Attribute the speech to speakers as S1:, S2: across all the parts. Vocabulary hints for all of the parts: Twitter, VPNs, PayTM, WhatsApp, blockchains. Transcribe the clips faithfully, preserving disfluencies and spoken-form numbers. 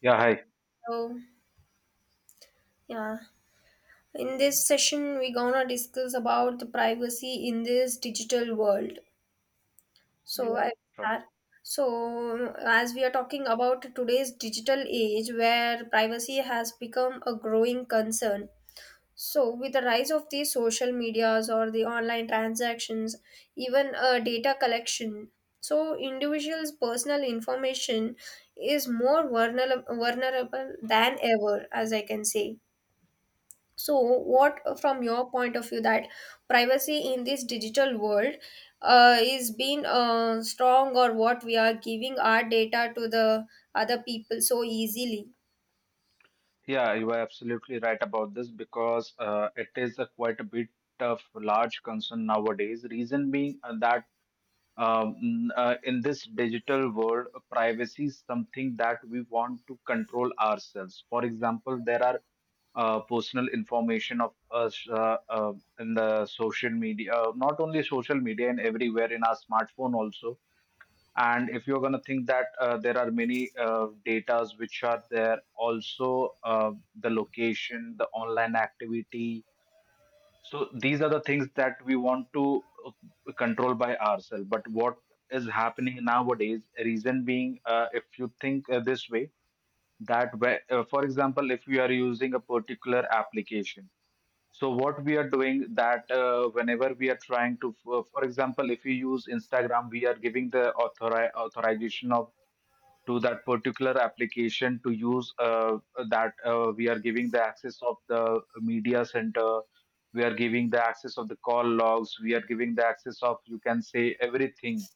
S1: Yeah, hi.
S2: So, yeah, in this session, we're gonna discuss about the privacy in this digital world. So,
S1: Yeah,
S2: I
S1: sure.
S2: start. So, as we are talking about today's digital age where privacy has become a growing concern. So, with the rise of these social medias or the online transactions, even uh, data collection, so individuals' personal information is more vulnerable, vulnerable than ever, as I can say. So, what uh, from your point of view that privacy in this digital world uh, is being uh, strong, or what we are giving our data to the other people so easily?
S1: Yeah, you are absolutely right about this because uh, it is a quite a bit of large concern nowadays. Reason being uh, that um, mm, uh, in this digital world, uh, privacy is something that we want to control ourselves. For example, there are uh, personal information of us uh, uh, in the social media, uh, not only social media and everywhere in our smartphone also. And if you're going to think that uh, there are many uh, datas which are there, also uh, the location, the online activity. So these are the things that we want to uh, control by ourselves. But what is happening nowadays, reason being, uh, if you think uh, this way, that where, uh, for example, if we are using a particular application, so what we are doing that uh, whenever we are trying to, for for example, if we use Instagram, we are giving the authori- authorization of to that particular application to use uh, that uh, we are giving the access of the media center, we are giving the access of the call logs, we are giving the access of, you can say, everything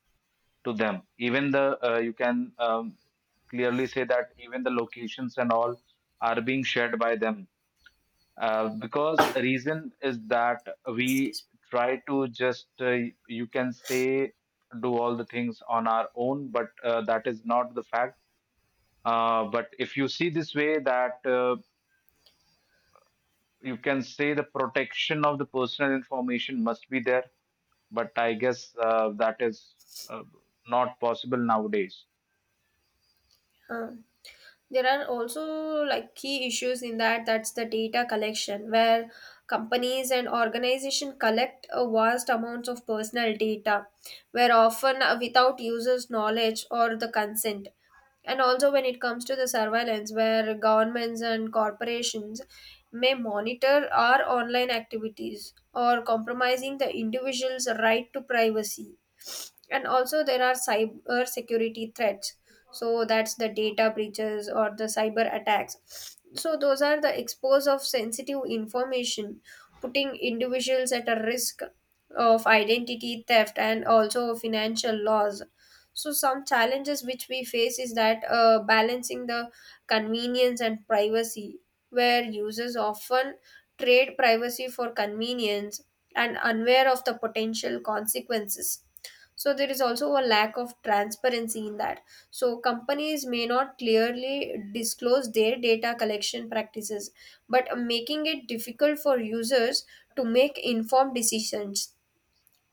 S1: to them, even the, uh, you can, um, clearly say that even the locations and all are being shared by them, uh, because reason is that we
S2: Excuse
S1: try to just uh, you can say do all the things on our own, but uh, that is not the fact. Uh, but if you see this way, that uh, you can say the protection of the personal information must be there, but I guess uh, that is uh, not possible nowadays.
S2: me. Uh, there are also like key issues in that. That's the data collection, where companies and organizations collect a vast amounts of personal data, where often uh, without users' knowledge or the consent, and also when it comes to the surveillance where governments and corporations may monitor our online activities or compromising the individual's right to privacy, and also there are cyber security threats, so that's the data breaches or the cyber attacks, so those are the expose of sensitive information, putting individuals at a risk of identity theft and also financial loss. So some challenges which we face is that uh, balancing the convenience and privacy, where users often trade privacy for convenience and unaware of the potential consequences. So there is also a lack of transparency in that, so companies may not clearly disclose their data collection practices, but making it difficult for users to make informed decisions,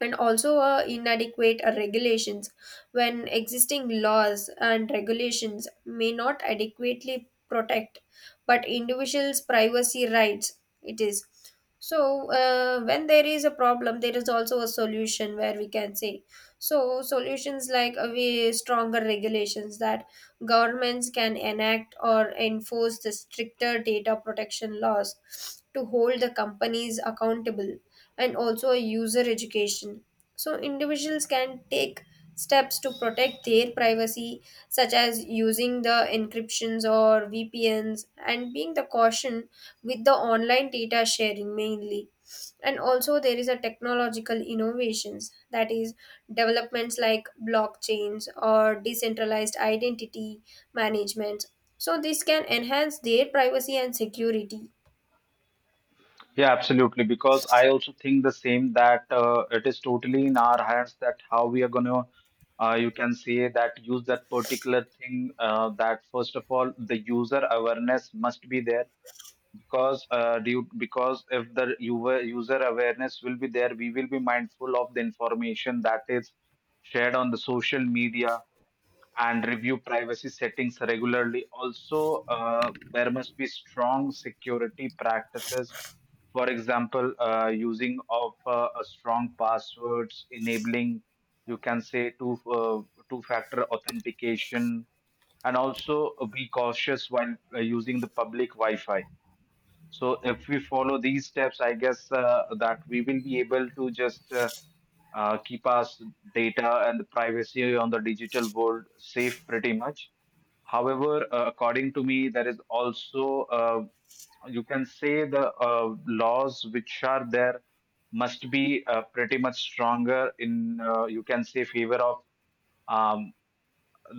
S2: and also uh, inadequate uh, regulations, when existing laws and regulations may not adequately protect but individuals privacy rights it is. So uh, when there is a problem there is also a solution, where we can say so solutions like uh, we stronger regulations that governments can enact or enforce the stricter data protection laws to hold the companies accountable, and also a user education. So, individuals can take steps to protect their privacy, such as using the encryptions or V P Ns and being the caution with the online data sharing mainly. And also, there is a technological innovations that is developments like blockchains or decentralized identity management. So, this can enhance their privacy and security.
S1: Yeah, absolutely. Because I also think the same that uh, it is totally in our hands that how we are going to, uh, you can say, that use that particular thing. Uh, that first of all, the user awareness must be there because uh, due because if the user user awareness will be there, we will be mindful of the information that is shared on the social media and review privacy settings regularly. Also, uh, there must be strong security practices, for example, uh, using of uh, a strong passwords, enabling, you can say, two, uh, two factor authentication, and also uh, be cautious while uh, using the public wi-fi. So if we follow these steps, I guess uh, that we will be able to just uh, uh, keep our s- data and the privacy on the digital world safe pretty much. However, uh, according to me, there is also uh, you can say the uh, laws which are there must be uh, pretty much stronger in, uh, you can say, favor of um,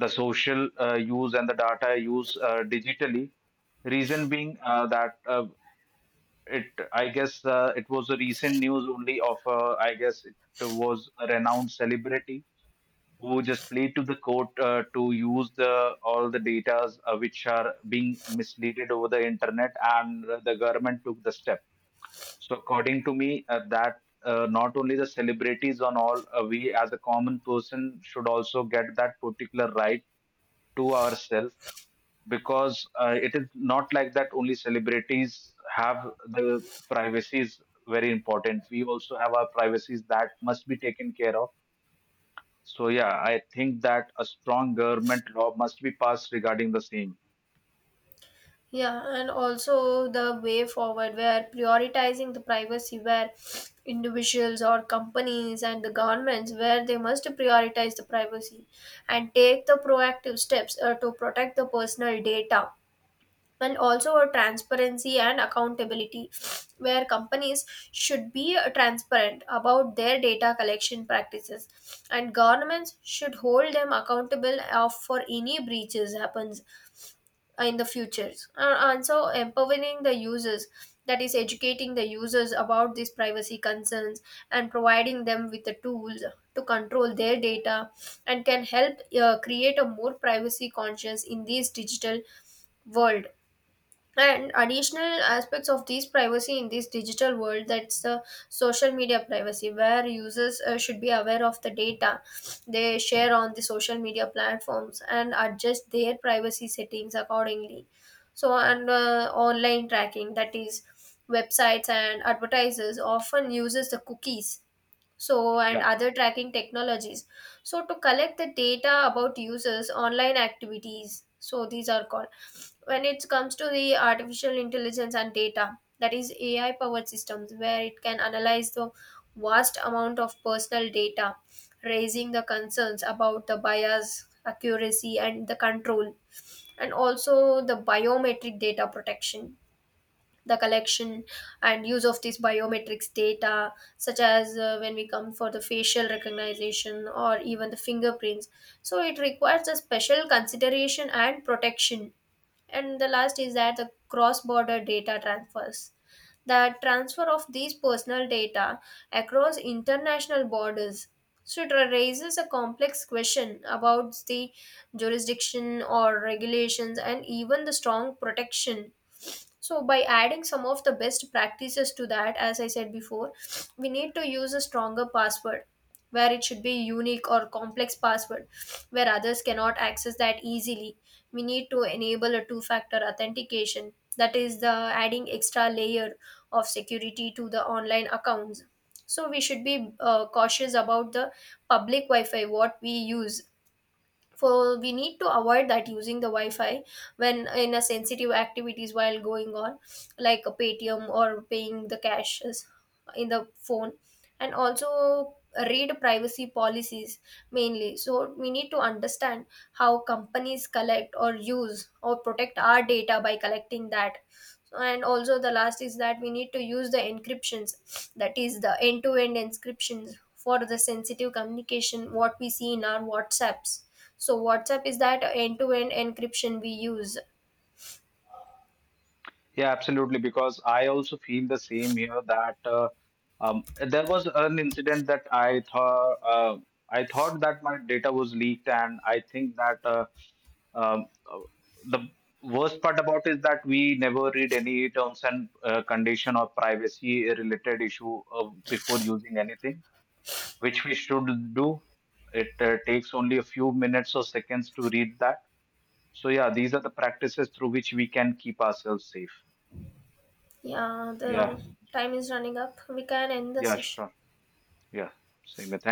S1: the social uh, use and the data use uh, digitally. Reason being uh, that uh, it, I guess uh, it was a recent news only of, uh, I guess it was a renowned celebrity who just played to the court uh, to use the all the datas uh, which are being misleaded over the internet, and the government took the step. So according to me uh, that uh, not only the celebrities on all, uh, we as a common person should also get that particular right to ourselves, because uh, it is not like that only celebrities have the privacies. Very important, we also have our privacies that must be taken care of. So yeah, I think that a strong government law must be passed regarding the same.
S2: Yeah, and also the way forward where prioritizing the privacy, where individuals or companies and the governments, where they must prioritize the privacy and take the proactive steps uh, to protect the personal data. And also a transparency and accountability, where companies should be uh, transparent about their data collection practices, and governments should hold them accountable uh, for any breaches happens uh, in the futures uh, and so empowering the users, that is educating the users about these privacy concerns and providing them with the tools to control their data and can help uh, create a more privacy conscious in this digital world. And additional aspects of these privacy in this digital world, that's the social media privacy where users uh, should be aware of the data they share on the social media platforms and adjust their privacy settings accordingly. So and uh, online tracking, that is websites and advertisers often uses the cookies so and
S1: Yeah.
S2: other tracking technologies, so to collect the data about users online activities, so these are called. When it comes to the artificial intelligence and data, that is AI powered systems where it can analyze the vast amount of personal data, raising the concerns about the bias accuracy and the control. And also the biometric data protection, the collection and use of these biometrics data such as uh, when we come for the facial recognition or even the fingerprints, so it requires a special consideration and protection. And the last is that the cross border data transfers, the transfer of these personal data across international borders, so it raises a complex question about the jurisdiction or regulations and even the strong protection. So by adding some of the best practices to that, as I said before, we need to use a stronger password, where it should be unique or complex password where others cannot access that easily. We need to enable a two factor authentication, that is the adding extra layer of security to the online accounts. So we should be uh, cautious about the public wi-fi what we use for. We need to avoid that using the wi-fi when in a sensitive activities while going on, like a Paytm or paying the cash is- in the phone. And also read privacy policies mainly, so we need to understand how companies collect or use or protect our data by collecting that. And also the last is that we need to use the encryptions, that is the end to end encryptions for the sensitive communication what we see in our WhatsApps. So WhatsApp is that end to end encryption we use.
S1: Yeah, absolutely. Because I also feel the same here that uh, um, there was an incident that I thought, uh, I thought that my data was leaked, and I think that uh, um, uh, the worst part about is that we never read any terms and uh, condition or privacy related issue uh, before using anything, which we should do. It uh, takes only a few minutes or seconds to read that. So yeah, these are the practices through which we can keep ourselves safe.
S2: Yeah,
S1: Yeah.
S2: the time is running up, we can end the
S1: Yeah,
S2: session.
S1: sure. Yeah, same here.